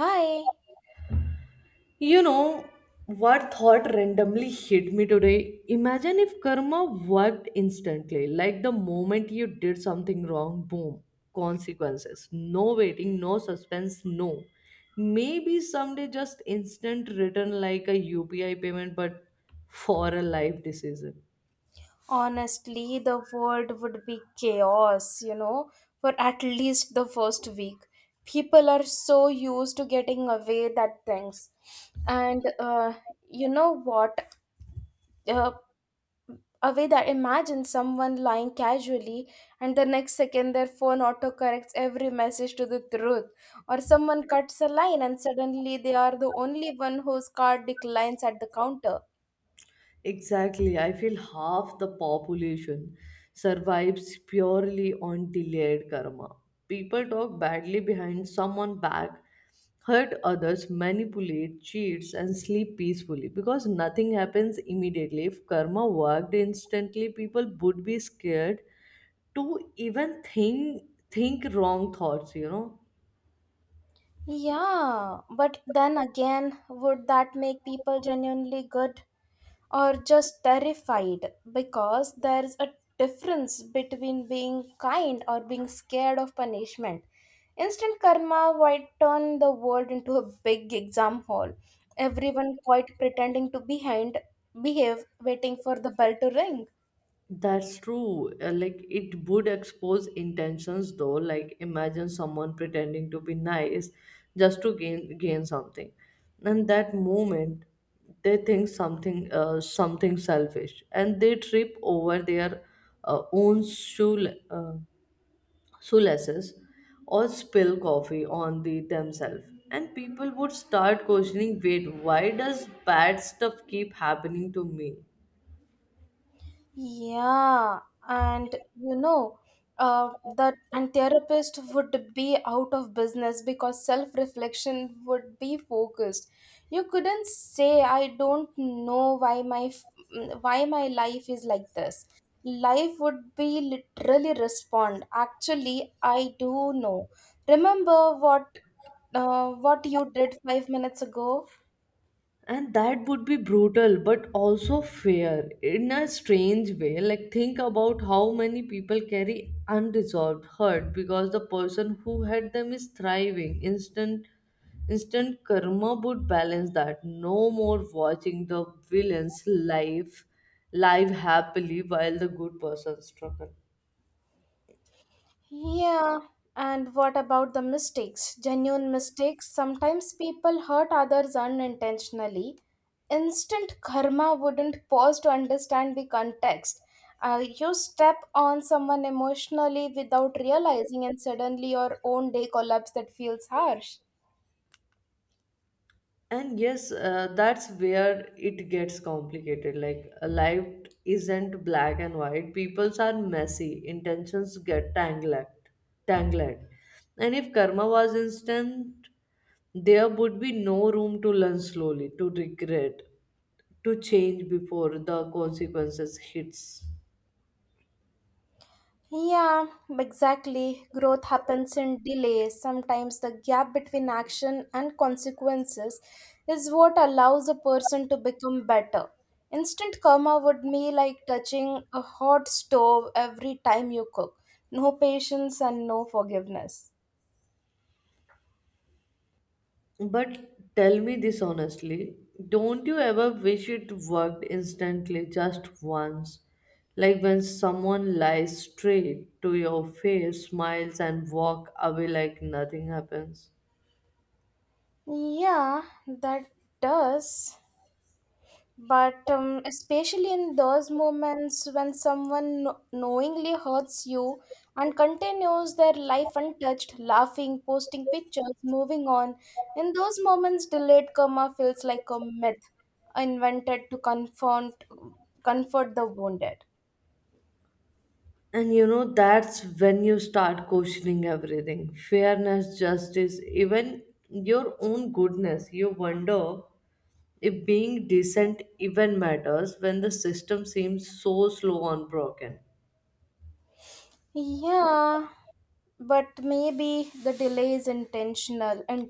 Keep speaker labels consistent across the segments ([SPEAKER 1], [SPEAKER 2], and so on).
[SPEAKER 1] Hi.
[SPEAKER 2] You know what thought randomly hit me today? Imagine if karma worked instantly, like the moment you did something wrong, boom, consequences. No waiting, no suspense, no. Maybe someday just instant return like a UPI payment, but for a life decision.
[SPEAKER 1] Honestly, the world would be chaos, you know, for at least the first week. People are so used to getting away that things. And you know what? Uh, away that imagine someone lying casually, and the next second their phone autocorrects every message to the truth. Or someone cuts a line and suddenly they are the only one whose card declines at the counter.
[SPEAKER 2] Exactly. I feel half the population survives purely on delayed karma. People talk badly behind someone back, hurt others, manipulate, cheats, and sleep peacefully because nothing happens immediately. If karma worked instantly, people would be scared to even think wrong thoughts, you know.
[SPEAKER 1] Yeah, but then again, would that make people genuinely good or just terrified? Because there's a difference between being kind or being scared of punishment. Instant karma might turn the world into a big exam hall. Everyone quite pretending to behind behave, waiting for the bell to ring.
[SPEAKER 2] That's true. Like it would expose intentions though. Like imagine someone pretending to be nice just to gain something. And that moment they think something something selfish and they trip over their own shoe shoelaces or spill coffee on the themselves. And people would start questioning, wait, why does bad stuff keep happening to me?
[SPEAKER 1] Yeah, and you know, that and therapist would be out of business because self-reflection would be focused. You couldn't say, I don't know why my why my life is like this. Life would be literally respond. Actually, I do know. Remember what you did 5 minutes ago?
[SPEAKER 2] And that would be brutal but also fair in a strange way, like think about how many people carry unresolved hurt because the person who had them is thriving, instant karma would balance that. No more watching the villain's life live happily while the good person struggles.
[SPEAKER 1] Yeah, and what about the mistakes? Genuine mistakes. Sometimes people hurt others unintentionally. Instant karma wouldn't pause to understand the context. You step on someone emotionally without realizing, and suddenly your own day collapse that feels harsh.
[SPEAKER 2] And yes, that's where it gets complicated. Like life isn't black and white. Peoples are messy, intentions get tangled, and if karma was instant, there would be no room to learn slowly, to regret, to change before the consequences hits.
[SPEAKER 1] Yeah, exactly. Growth happens in delay. Sometimes the gap between action and consequences is what allows a person to become better. Instant karma would be like touching a hot stove every time you cook. No patience and no forgiveness.
[SPEAKER 2] But tell me this honestly, don't you ever wish it worked instantly just once? Like when someone lies straight to your face, smiles, and walk away like nothing happens.
[SPEAKER 1] Yeah, that does. But especially in those moments when someone knowingly hurts you and continues their life untouched, laughing, posting pictures, moving on. In those moments delayed karma feels like a myth invented to confront, comfort the wounded.
[SPEAKER 2] And you know, that's when you start questioning everything, fairness, justice, even your own goodness. You wonder if being decent even matters when the system seems so slow and broken.
[SPEAKER 1] Yeah, but maybe the delay is intentional, and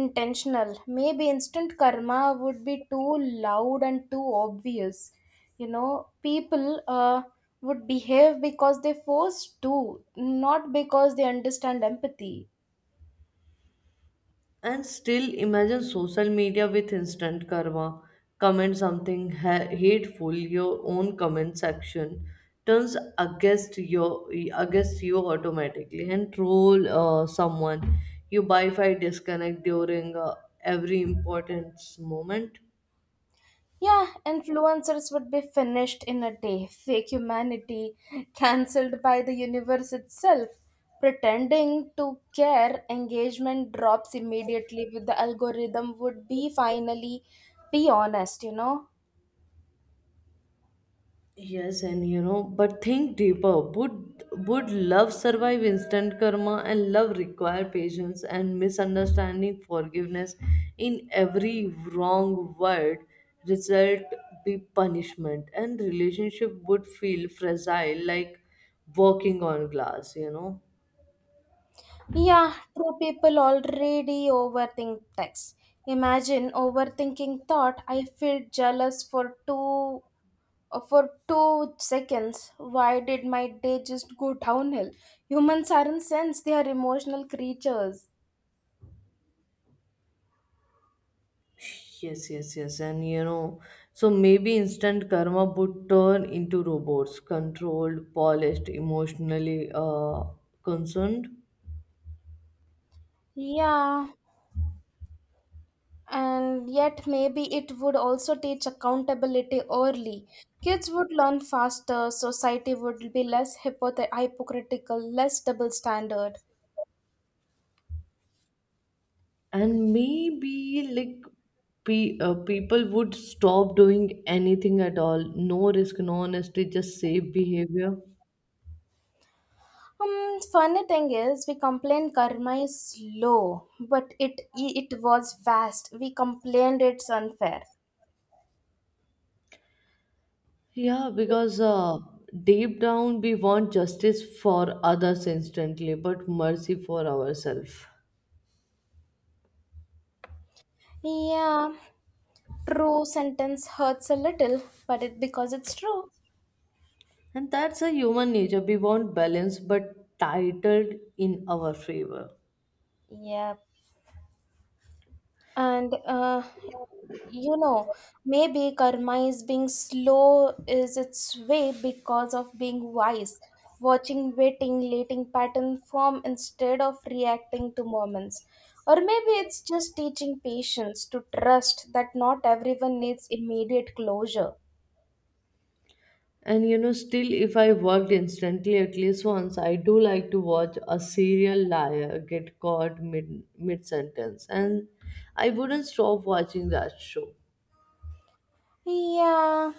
[SPEAKER 1] intentional maybe instant karma would be too loud and too obvious. You know, people would behave because they forced to, not because they understand empathy.
[SPEAKER 2] And still imagine social media with instant karma. Comment something hateful, your own comment section turns against your against you automatically. And troll someone, you Wi-Fi disconnect during every important moment.
[SPEAKER 1] Yeah, influencers would be finished in a day. Fake humanity cancelled by the universe itself. Pretending to care, engagement drops immediately with the algorithm would be finally be honest, you know.
[SPEAKER 2] Yes, and you know, but think deeper. Would love survive instant karma? And love require patience and misunderstanding, forgiveness, in every wrong word result be punishment, and relationship would feel fragile like walking on glass, you know.
[SPEAKER 1] Yeah, true, people already overthink text. Imagine overthinking thought I feel jealous for 2 seconds. Why did my day just go downhill? Humans aren't sense, they are emotional creatures.
[SPEAKER 2] Yes, yes, yes, and you know, so maybe instant karma would turn into robots, controlled, polished, emotionally concerned.
[SPEAKER 1] Yeah, and yet maybe it would also teach accountability early. Kids would learn faster, society would be less hypocritical, less double standard.
[SPEAKER 2] And maybe like people would stop doing anything at all. No risk, no honesty, just safe behavior.
[SPEAKER 1] Funny thing is, we complain karma is slow, but it was fast, we complained it's unfair.
[SPEAKER 2] Yeah, because deep down we want justice for others instantly but mercy for ourselves.
[SPEAKER 1] Yeah, true sentence hurts a little, but it because it's true.
[SPEAKER 2] And that's a human nature, we want balance but titled in our favor.
[SPEAKER 1] Yep. And you know, maybe karma is being slow is its way because of being wise, watching, waiting, letting pattern form instead of reacting to moments. Or maybe it's just teaching patience to trust that not everyone needs immediate closure.
[SPEAKER 2] And you know, still, if I worked instantly at least once, I do like to watch a serial liar get caught mid sentence, and I wouldn't stop watching that show.
[SPEAKER 1] Yeah,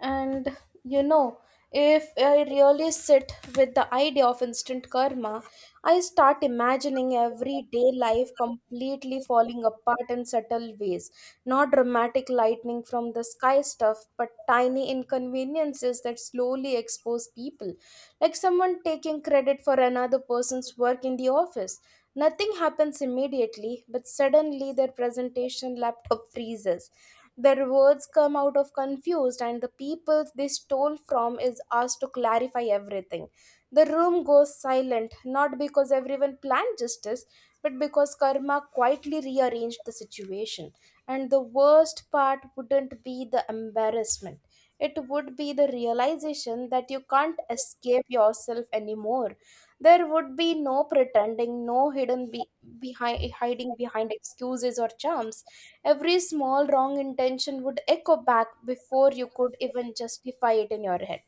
[SPEAKER 1] and you know, if I really sit with the idea of instant karma, I start imagining everyday life completely falling apart in subtle ways. Not dramatic lightning from the sky stuff, but tiny inconveniences that slowly expose people. Like someone taking credit for another person's work in the office. Nothing happens immediately, but suddenly their presentation laptop freezes, their words come out of confused, and the people they stole from is asked to clarify everything. The room goes silent, not because everyone planned justice, but because karma quietly rearranged the situation. And the worst part wouldn't be the embarrassment. It would be the realization that you can't escape yourself anymore. There would be no pretending, no hidden be- behind hiding behind excuses or charms. Every small wrong intention would echo back before you could even justify it in your head.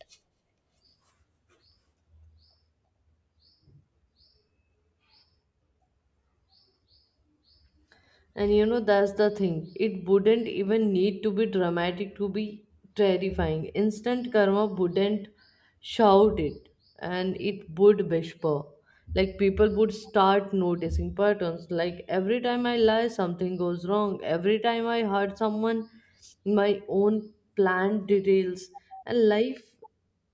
[SPEAKER 2] And you know, that's the thing. It wouldn't even need to be dramatic to be terrifying. Instant karma wouldn't shout it, and it would whisper. Like people would start noticing patterns. Like every time I lie, something goes wrong. Every time I hurt someone, my own plan details. And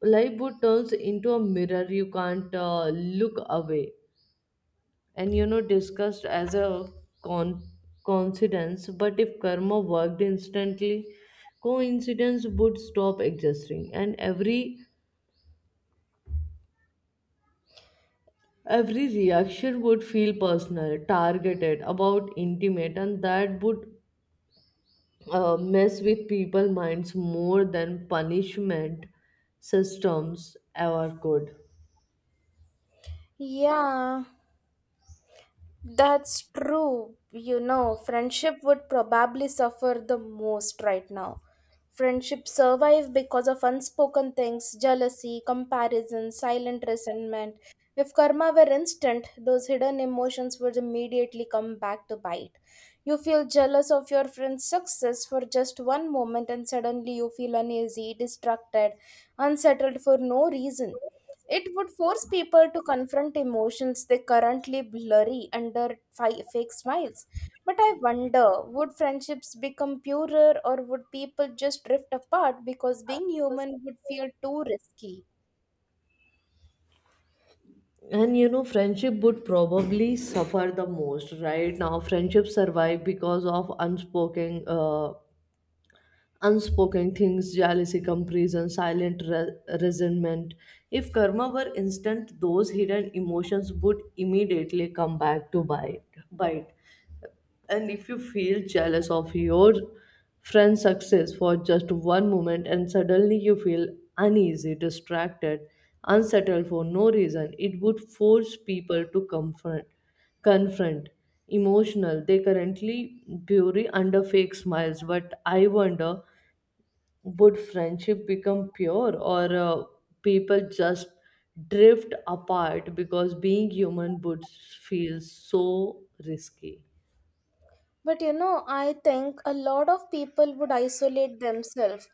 [SPEAKER 2] life would turns into a mirror. You can't look away. And you know, discussed as a con- coincidence, but if karma worked instantly, coincidence would stop existing, and every reaction would feel personal, targeted, about intimate, and that would mess with people minds more than punishment systems ever could.
[SPEAKER 1] Yeah. That's true. You know, friendship would probably suffer the most right now. Friendships survive because of unspoken things, jealousy, comparison, silent resentment. If karma were instant, those hidden emotions would immediately come back to bite. You feel jealous of your friend's success for just one moment, and suddenly you feel uneasy, distracted, unsettled for no reason. It would force people to confront emotions they currently blurry under fake smiles. But I wonder, would friendships become purer, or would people just drift apart because being human would feel too risky?
[SPEAKER 2] And you know, friendship would probably suffer the most right now. Friendship survive because of unspoken unspoken things, jealousy, comparison, silent resentment. If karma were instant, those hidden emotions would immediately come back to bite. And if you feel jealous of your friend's success for just one moment, and suddenly you feel uneasy, distracted, unsettled for no reason, it would force people to confront emotional they currently bury under fake smiles. But I wonder, would friendship become pure, or people just drift apart because being human would feel so risky?
[SPEAKER 1] But you know, I think a lot of people would isolate themselves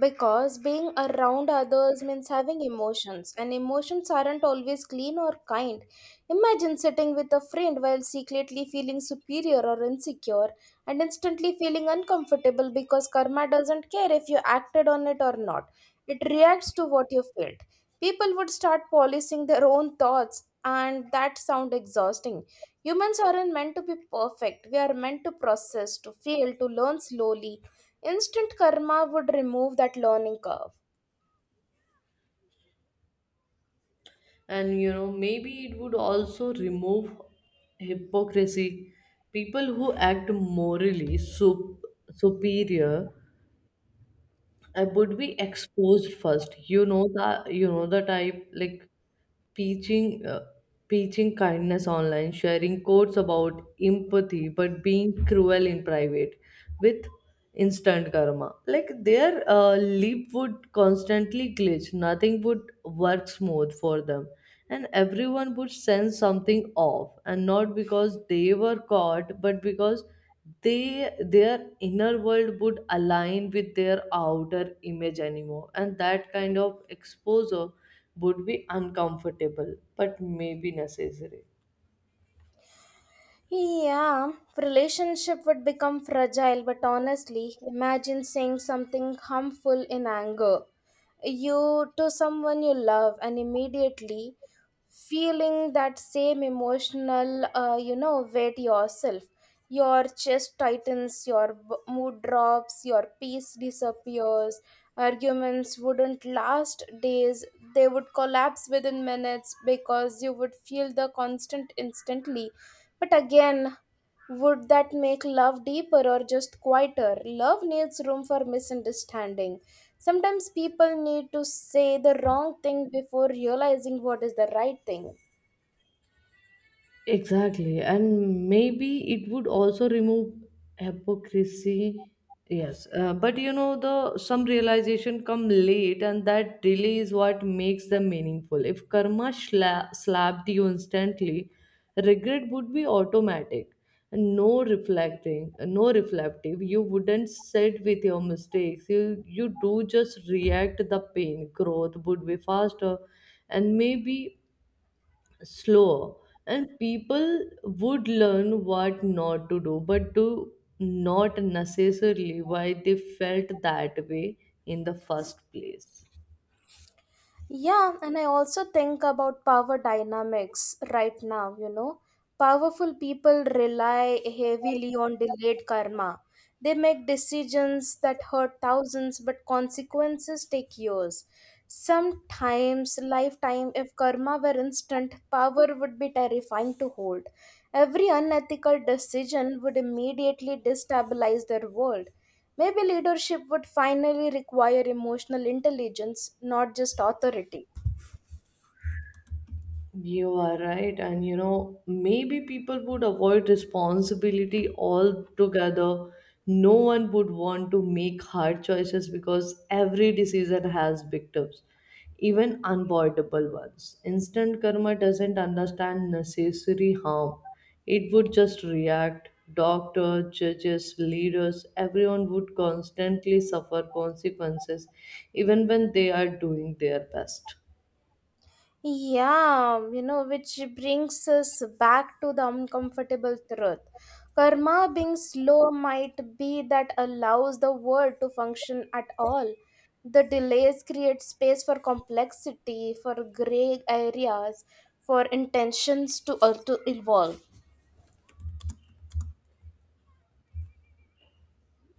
[SPEAKER 1] because being around others means having emotions, and emotions aren't always clean or kind. Imagine sitting with a friend while secretly feeling superior or insecure and instantly feeling uncomfortable because karma doesn't care if you acted on it or not, it reacts to what you felt. People would start policing their own thoughts, and that sounds exhausting. Humans aren't meant to be perfect. We are meant to process, to feel, to learn slowly. Instant karma would remove that learning curve.
[SPEAKER 2] And you know, maybe it would also remove hypocrisy. People who act morally superior I would be exposed first. You know that, you know the type, like preaching preaching kindness online, sharing quotes about empathy, but being cruel in private. With instant karma, like their lip would constantly glitch. Nothing would work smooth for them, and everyone would sense something off, and not because they were caught, but because they their inner world would align with their outer image anymore. And that kind of exposure would be uncomfortable but maybe necessary.
[SPEAKER 1] Yeah, relationship would become fragile, but honestly, imagine saying something harmful in anger. You to someone you love, and immediately feeling that same emotional, weight yourself. Your chest tightens, your mood drops, your peace disappears. Arguments wouldn't last days, they would collapse within minutes because you would feel the constant instantly. But again, would that make love deeper or just quieter? Love needs room for misunderstanding. Sometimes people need to say the wrong thing before realizing what is the right thing.
[SPEAKER 2] Exactly. And maybe it would also remove hypocrisy. Yes. But you know, the some realization come late, and that delay is what makes them meaningful. If karma slapped you instantly, regret would be automatic. And no reflecting, no reflective. You wouldn't sit with your mistakes. You do just react the pain. Growth would be faster and maybe slower, and people would learn what not to do but to not necessarily why they felt that way in the first place.
[SPEAKER 1] Yeah, and I also think about power dynamics right now, you know. Powerful people rely heavily on delayed karma. They make decisions that hurt thousands, but consequences take years. Sometimes, lifetime, if karma were instant, power would be terrifying to hold. Every unethical decision would immediately destabilize their world. Maybe leadership would finally require emotional intelligence, not just authority.
[SPEAKER 2] You are right, and you know, maybe people would avoid responsibility altogether. No one would want to make hard choices because every decision has victims, even unavoidable ones. Instant karma doesn't understand necessary harm, it would just react. Doctors, judges, leaders, everyone would constantly suffer consequences, even when they are doing their best.
[SPEAKER 1] Yeah, you know, which brings us back to the uncomfortable truth. Karma being slow might be that allows the world to function at all. The delays create space for complexity, for gray areas, for intentions to evolve.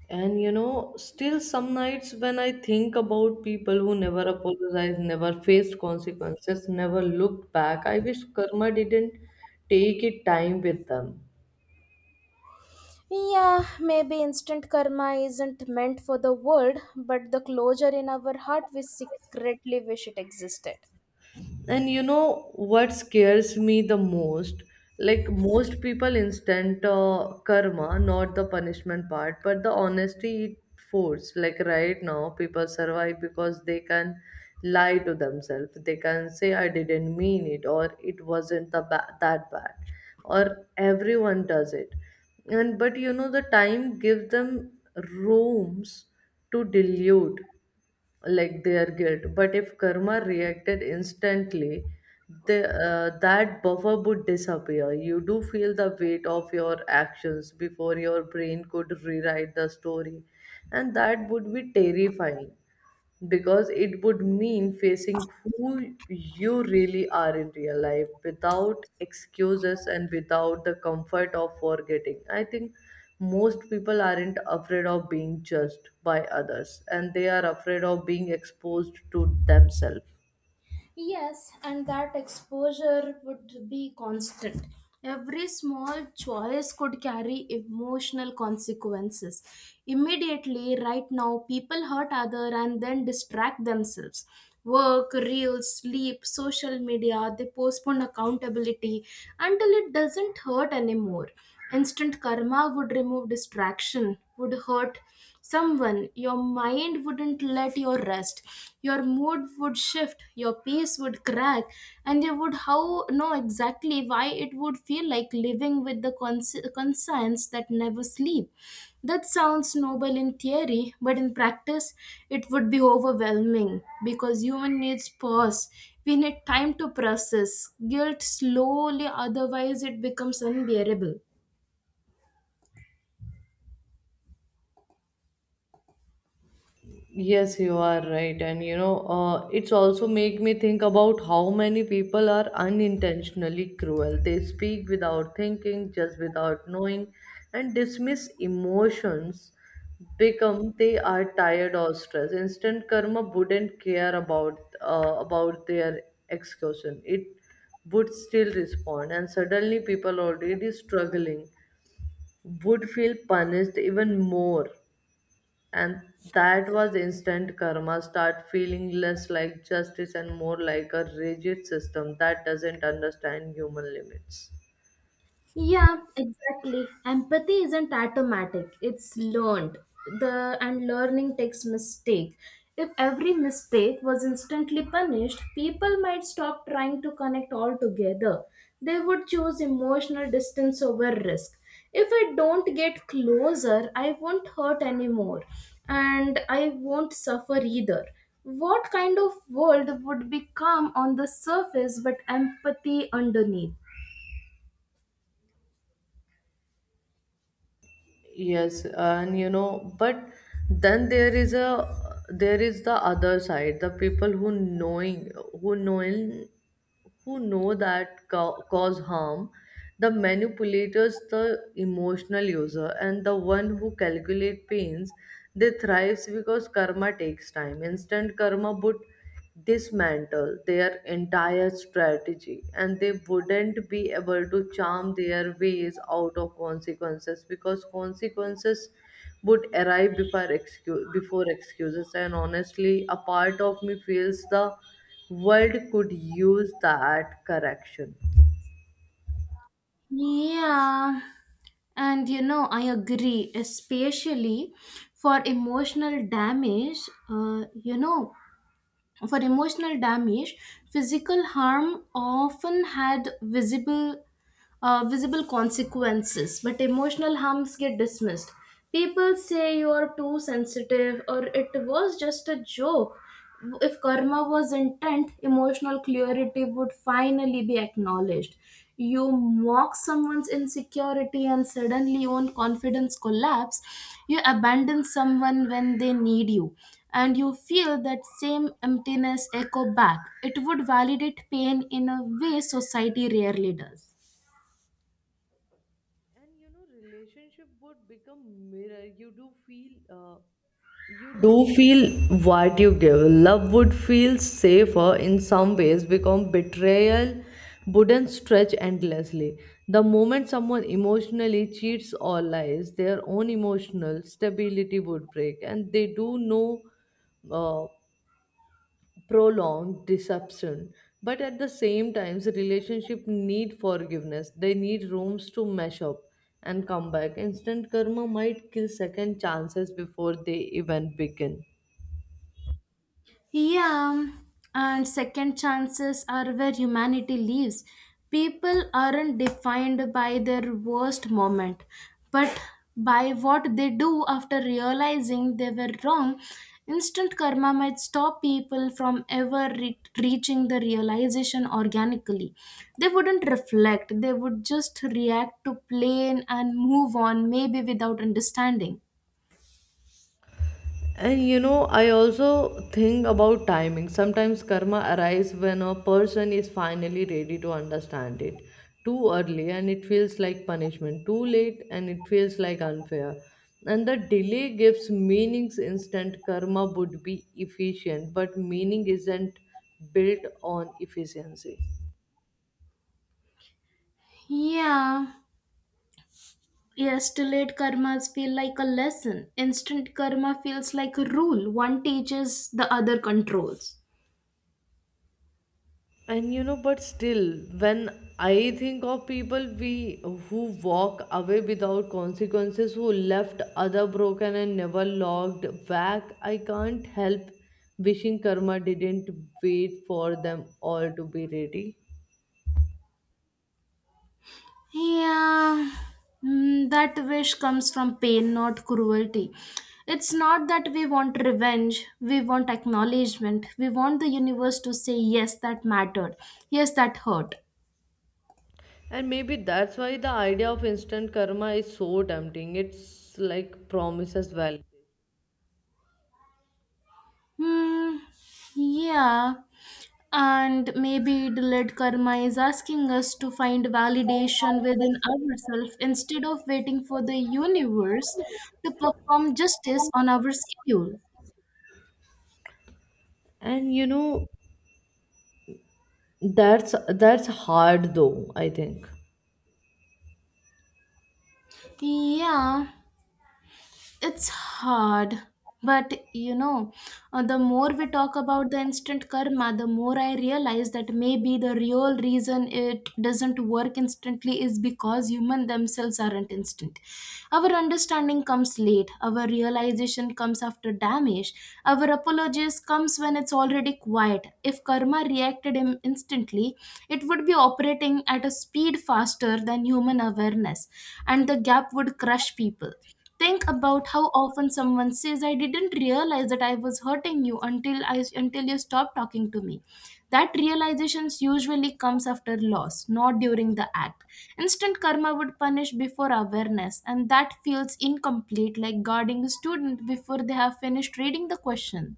[SPEAKER 2] And you know, still some nights when I think about people who never apologized, never faced consequences, never looked back, I wish karma didn't take it time with them.
[SPEAKER 1] Yeah, maybe instant karma isn't meant for the world, but the closure in our heart we secretly wish it existed.
[SPEAKER 2] And you know what scares me the most, like most people instant karma not the punishment part but the honesty it force. Like right now people survive because they can lie to themselves. They can say I didn't mean it, or it wasn't the that bad, or everyone does it. And but you know, the time gives them rooms to dilute like their guilt. But if karma reacted instantly, the that buffer would disappear. You do feel the weight of your actions before your brain could rewrite the story, and that would be terrifying because it would mean facing who you really are in real life, without excuses and without the comfort of forgetting. I think most people aren't afraid of being judged by others, and they are afraid of being exposed to themselves.
[SPEAKER 1] Yes, and that exposure would be constant. Every small choice could carry emotional consequences. Immediately, right now, people hurt other and then distract themselves. Work, reels, sleep, social media, they postpone accountability until it doesn't hurt anymore. Instant karma would remove distraction would hurt someone, your mind wouldn't let you rest, your mood would shift, your pace would crack, and you would how know exactly why it would feel like living with the conscience that never sleep. That sounds noble in theory, but in practice, it would be overwhelming because human needs pause. We need time to process guilt slowly, otherwise, it becomes unbearable.
[SPEAKER 2] Yes, you are right. And you know, it's also make me think about how many people are unintentionally cruel. They speak without thinking, just without knowing, and dismiss emotions become they are tired or stressed. Instant karma wouldn't care about their execution. It would still respond, and suddenly people already struggling would feel punished even more. And that was the instant karma start feeling less like justice and more like a rigid system that doesn't understand human limits.
[SPEAKER 1] Yeah, exactly. Empathy isn't automatic. It's learned. The and learning takes mistake. If every mistake was instantly punished, people might stop trying to connect altogether. They would choose emotional distance over risk. If I don't get closer, I won't hurt anymore and I won't suffer either. What kind of world would be calm on the surface but empathy underneath?
[SPEAKER 2] Yes, and you know, but then there is the other side, the people who knowing who knowing who know that cause harm, the manipulators, the emotional user, and the one who calculate pains, they thrives because karma takes time. Instant karma would dismantle their entire strategy, and they wouldn't be able to charm their ways out of consequences because consequences would arrive before excuse before excuses. And honestly, a part of me feels the world could use that correction.
[SPEAKER 1] Yeah. And you know, I agree, especially for emotional damage. Uh, you know, for emotional damage, physical harm often had visible visible consequences, but emotional harms get dismissed. People say you're too sensitive or it was just a joke. If karma was intent, emotional clarity would finally be acknowledged. You mock someone's insecurity and suddenly your own confidence collapse. You abandon someone when they need you and you feel that same emptiness echo back. It would validate pain in a way society rarely does.
[SPEAKER 2] And you know, relationship would become mirror. You do feel do feel what you give. Love would feel safer in some ways because betrayal wouldn't stretch endlessly. The moment someone emotionally cheats or lies, their own emotional stability would break, and they do no uh, prolonged deception. But at the same time, the relationship need forgiveness. They need rooms to mesh up and come back. Instant karma might kill second chances before they even begin.
[SPEAKER 1] Yeah, and second chances are where humanity lives. People aren't defined by their worst moment, but by what they do after realizing they were wrong. Instant karma might stop people from ever reaching the realization organically. They wouldn't reflect, they would just react to plain and move on, maybe without understanding.
[SPEAKER 2] And you know, I also think about timing. Sometimes karma arrives when a person is finally ready to understand it. Too early and it feels like punishment. Too late and it feels like unfair. And the delay gives meanings instant. Karma would be efficient, but meaning isn't built on efficiency.
[SPEAKER 1] Yeah. Yes, delayed karmas feel like a lesson. Instant karma feels like a rule. One teaches, the other controls.
[SPEAKER 2] And you know, but still, when I think of people we who walk away without consequences, who left other broken and never logged back, I can't help wishing karma didn't wait for them all to be ready.
[SPEAKER 1] Yeah, that wish comes from pain, not cruelty. It's not that we want revenge, we want acknowledgement, we want the universe to say, yes, that mattered, yes, that hurt.
[SPEAKER 2] And maybe that's why the idea of instant karma is so tempting, it's like promises well.
[SPEAKER 1] Hmm, yeah. And maybe the delayed karma is asking us to find validation within ourselves instead of waiting for the universe to perform justice on our schedule.
[SPEAKER 2] And you know, that's hard though, I think.
[SPEAKER 1] Yeah. It's hard. But you know, the more we talk about the instant karma, the more I realize that maybe the real reason it doesn't work instantly is because humans themselves aren't instant. Our understanding comes late, our realization comes after damage, our apologies comes when it's already quiet. If karma reacted instantly, it would be operating at a speed faster than human awareness, and the gap would crush people. Think about how often someone says I didn't realize that I was hurting you until you stopped talking to me. That realization usually comes after loss, not during the act. Instant karma would punish before awareness, and that feels incomplete, like guarding a student before they have finished reading the question.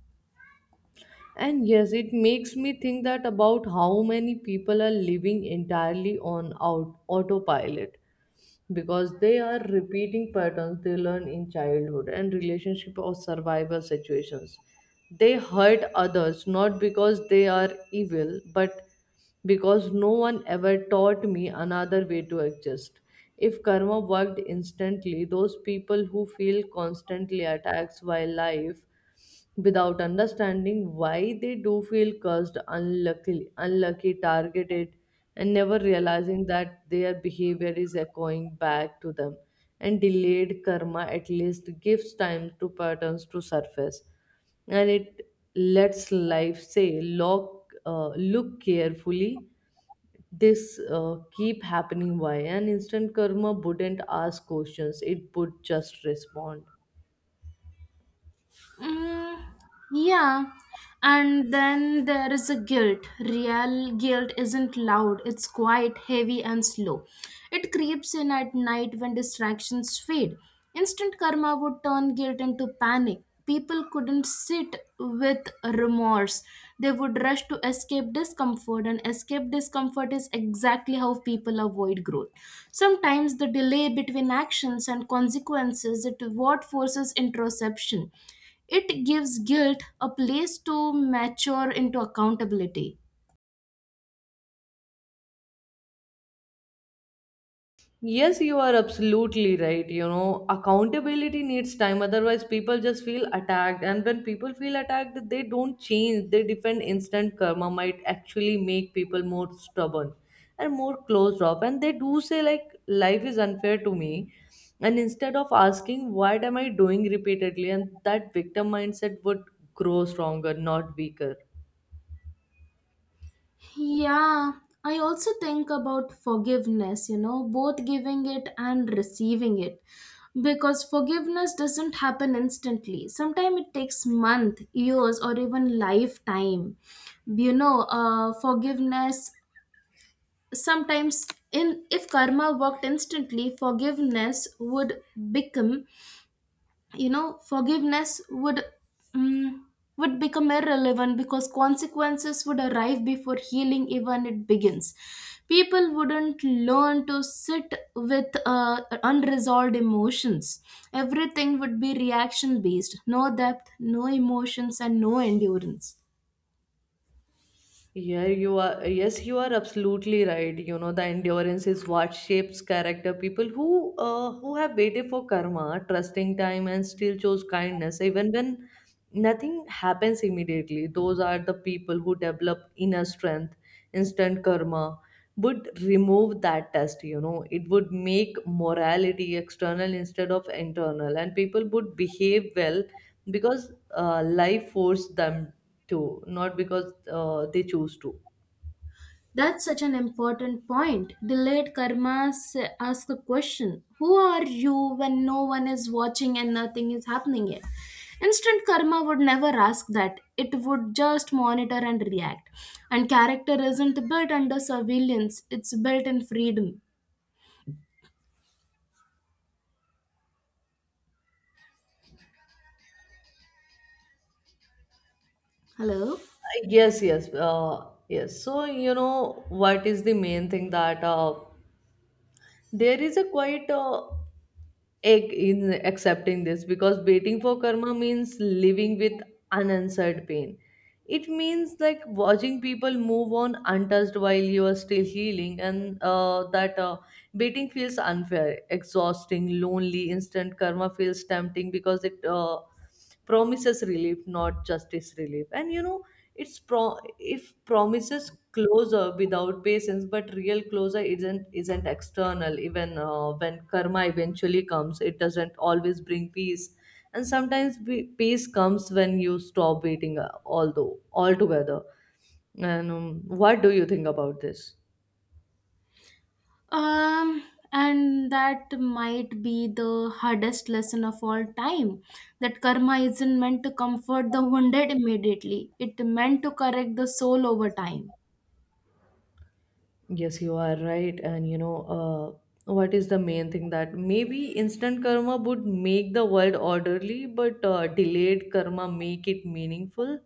[SPEAKER 2] And yes, it makes me think that about how many people are living entirely on out, autopilot, because they are repeating patterns they learn in childhood and relationship or survival situations. They hurt others not because they are evil, but because no one ever taught me another way to exist. If karma worked instantly, those people who feel constantly attacked by life without understanding why they do feel cursed, unlucky, targeted, and never realizing that their behavior is echoing back to them. And delayed karma at least gives time to patterns to surface, and it lets life say, look, look carefully, this keep happening. Why? An instant karma wouldn't ask questions, it would just respond.
[SPEAKER 1] Mm, yeah. And then there is a guilt. Real guilt isn't loud, it's quiet, heavy, and slow. It creeps in at night when distractions fade. Instant karma would turn guilt into panic. People couldn't sit with remorse. They would rush to escape discomfort, and escape discomfort is exactly how people avoid growth. Sometimes the delay between actions and consequences is what forces introspection. It gives guilt a place to mature into accountability.
[SPEAKER 2] Yes, you are absolutely right. You know, accountability needs time. Otherwise, people just feel attacked. And when people feel attacked, they don't change. They defend. Instant karma might actually make people more stubborn and more closed off. And they do say, like, life is unfair to me. And instead of asking, what am I doing repeatedly? And that victim mindset would grow stronger, not weaker.
[SPEAKER 1] Yeah, I also think about forgiveness, you know, both giving it and receiving it. Because forgiveness doesn't happen instantly. Sometimes it takes months, years, or even lifetime. You know, forgiveness sometimes in if karma worked instantly, forgiveness would become you know forgiveness would mm would become irrelevant because consequences would arrive before healing even it begins. People wouldn't learn to sit with unresolved emotions. Everything would be reaction based, no depth, no emotions, and no endurance.
[SPEAKER 2] Yeah, you are, yes, you are absolutely right. You know, the endurance is what shapes character. People who have waited for karma, trusting time, and still chose kindness, even when nothing happens immediately. Those are the people who develop inner strength. Instant karma would remove that test, you know. It would make morality external instead of internal, and people would behave well because life forced them to, not because they choose to.
[SPEAKER 1] That's such an important point. Delayed karmas ask the question, who are you when no one is watching and nothing is happening yet? Instant karma would never ask that. It would just monitor and react. And character isn't built under surveillance, it's built in freedom. Hello?
[SPEAKER 2] Yes, yes, yes. So you know what is the main thing that there is a quite egg in accepting this, because waiting for karma means living with unanswered pain. It means, like, watching people move on untouched while you are still healing, and that waiting feels unfair, exhausting, lonely. Instant karma feels tempting because it promises relief, not justice. Relief. And you know, it's pro if promises closure without patience, but real closure isn't external. Even when karma eventually comes, it doesn't always bring peace. And sometimes peace comes when you stop waiting although altogether. And what do you think about this?
[SPEAKER 1] Um, and that might be the hardest lesson of all time. That karma isn't meant to comfort the wounded immediately, it meant to correct the soul over time.
[SPEAKER 2] Yes, you are right. And you know, what is the main thing that maybe instant karma would make the world orderly, but delayed karma make it meaningful.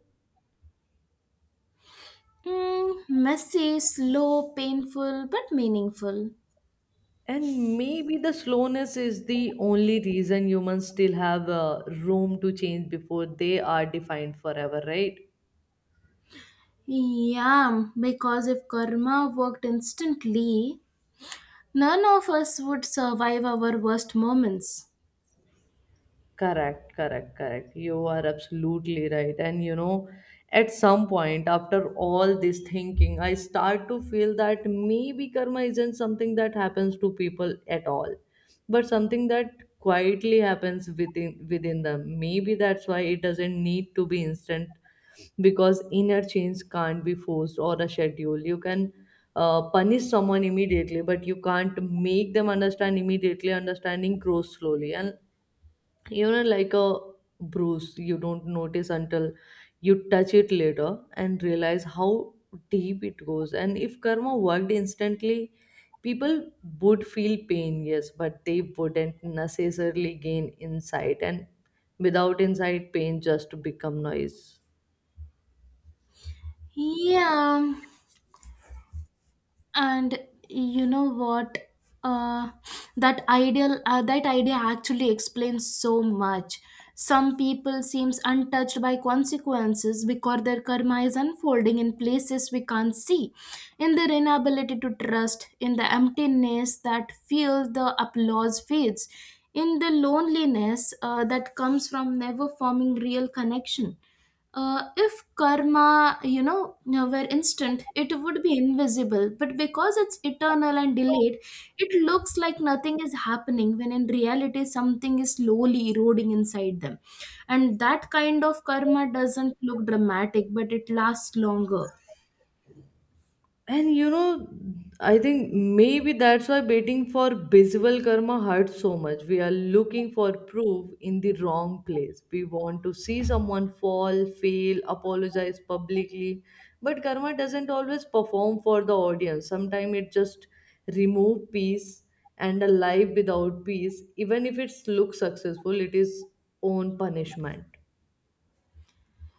[SPEAKER 1] Messy, slow, painful, but meaningful.
[SPEAKER 2] And maybe the slowness is the only reason humans still have room to change before they are defined forever, right?
[SPEAKER 1] Yeah, because if karma worked instantly, none of us would survive our worst moments.
[SPEAKER 2] Correct, correct, correct. You are absolutely right. And you know, at some point, after all this thinking, I start to feel that maybe karma isn't something that happens to people at all, but something that quietly happens within them. Maybe that's why it doesn't need to be instant, because inner change can't be forced or a schedule. You can punish someone immediately, but you can't make them understand immediately. Understanding grows slowly, and you know, like a bruise you don't notice until you touch it later and realize how deep it goes. And if karma worked instantly, people would feel pain, yes, but they wouldn't necessarily gain insight. And without insight, pain just become noise.
[SPEAKER 1] Yeah, and you know what, uh, that idea actually explains so much. Some people seems untouched by consequences because their karma is unfolding in places we can't see, in their inability to trust, in the emptiness that feel the applause fades, in the loneliness that comes from never forming real connection. If karma, were instant, it would be invisible, but because it's eternal and delayed, it looks like nothing is happening when in reality something is slowly eroding inside them. And that kind of karma doesn't look dramatic, but it lasts longer.
[SPEAKER 2] And you know, I think maybe that's why waiting for visible karma hurts so much. We are looking for proof in the wrong place. We want to see someone fall, fail, apologize publicly. But karma doesn't always perform for the audience. Sometimes it just remove peace, and a life without peace, even if it looks successful, it is own punishment.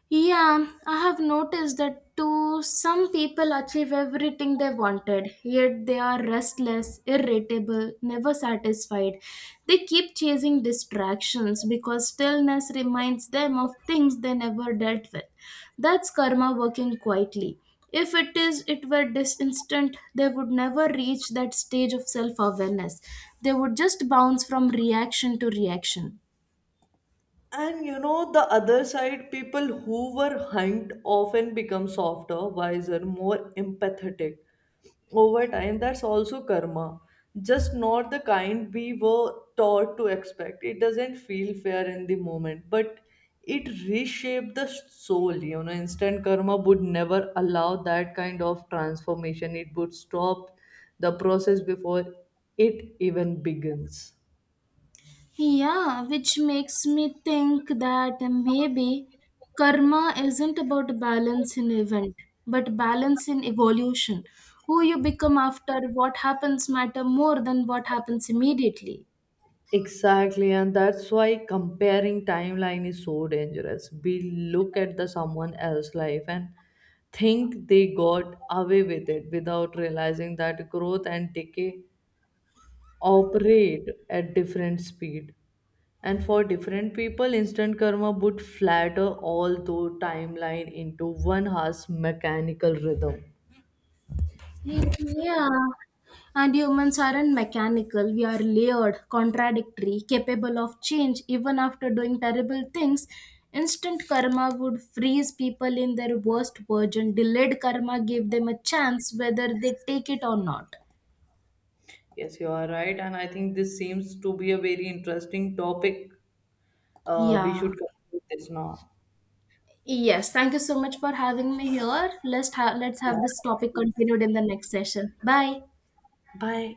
[SPEAKER 1] Yeah, I have noticed that too. Some people achieve everything they wanted, yet they are restless, irritable, never satisfied. They keep chasing distractions because stillness reminds them of things they never dealt with. That's karma working quietly. If it is, it were this instant, they would never reach that stage of self awareness. They would just bounce from reaction to reaction.
[SPEAKER 2] And you know, the other side, people who were hunt often become softer, wiser, more empathetic over time. That's also karma, just not the kind we were taught to expect. It doesn't feel fair in the moment, but it reshaped the soul. You know, instant karma would never allow that kind of transformation, it would stop the process before it even begins.
[SPEAKER 1] Yeah, which makes me think that maybe karma isn't about balance in event, but balance in evolution. Who you become after what happens matter more than what happens immediately.
[SPEAKER 2] Exactly, and that's why comparing timeline is so dangerous. We look at the someone else's life and think they got away with it without realizing that growth and decay operate at different speed. And for different people, instant karma would flatter all the timeline into one harsh mechanical rhythm.
[SPEAKER 1] Yeah. And humans aren't mechanical. We are layered, contradictory, capable of change even after doing terrible things. Instant karma would freeze people in their worst version. Delayed karma gave them a chance whether they take it or not.
[SPEAKER 2] Yes, you are right, and I think this seems to be a very interesting topic. We
[SPEAKER 1] Yeah.
[SPEAKER 2] should conclude this now.
[SPEAKER 1] Yes, thank you so much for having me here. Let's have this
[SPEAKER 2] Yeah.
[SPEAKER 1] topic continued in the next session. Bye.
[SPEAKER 2] Bye.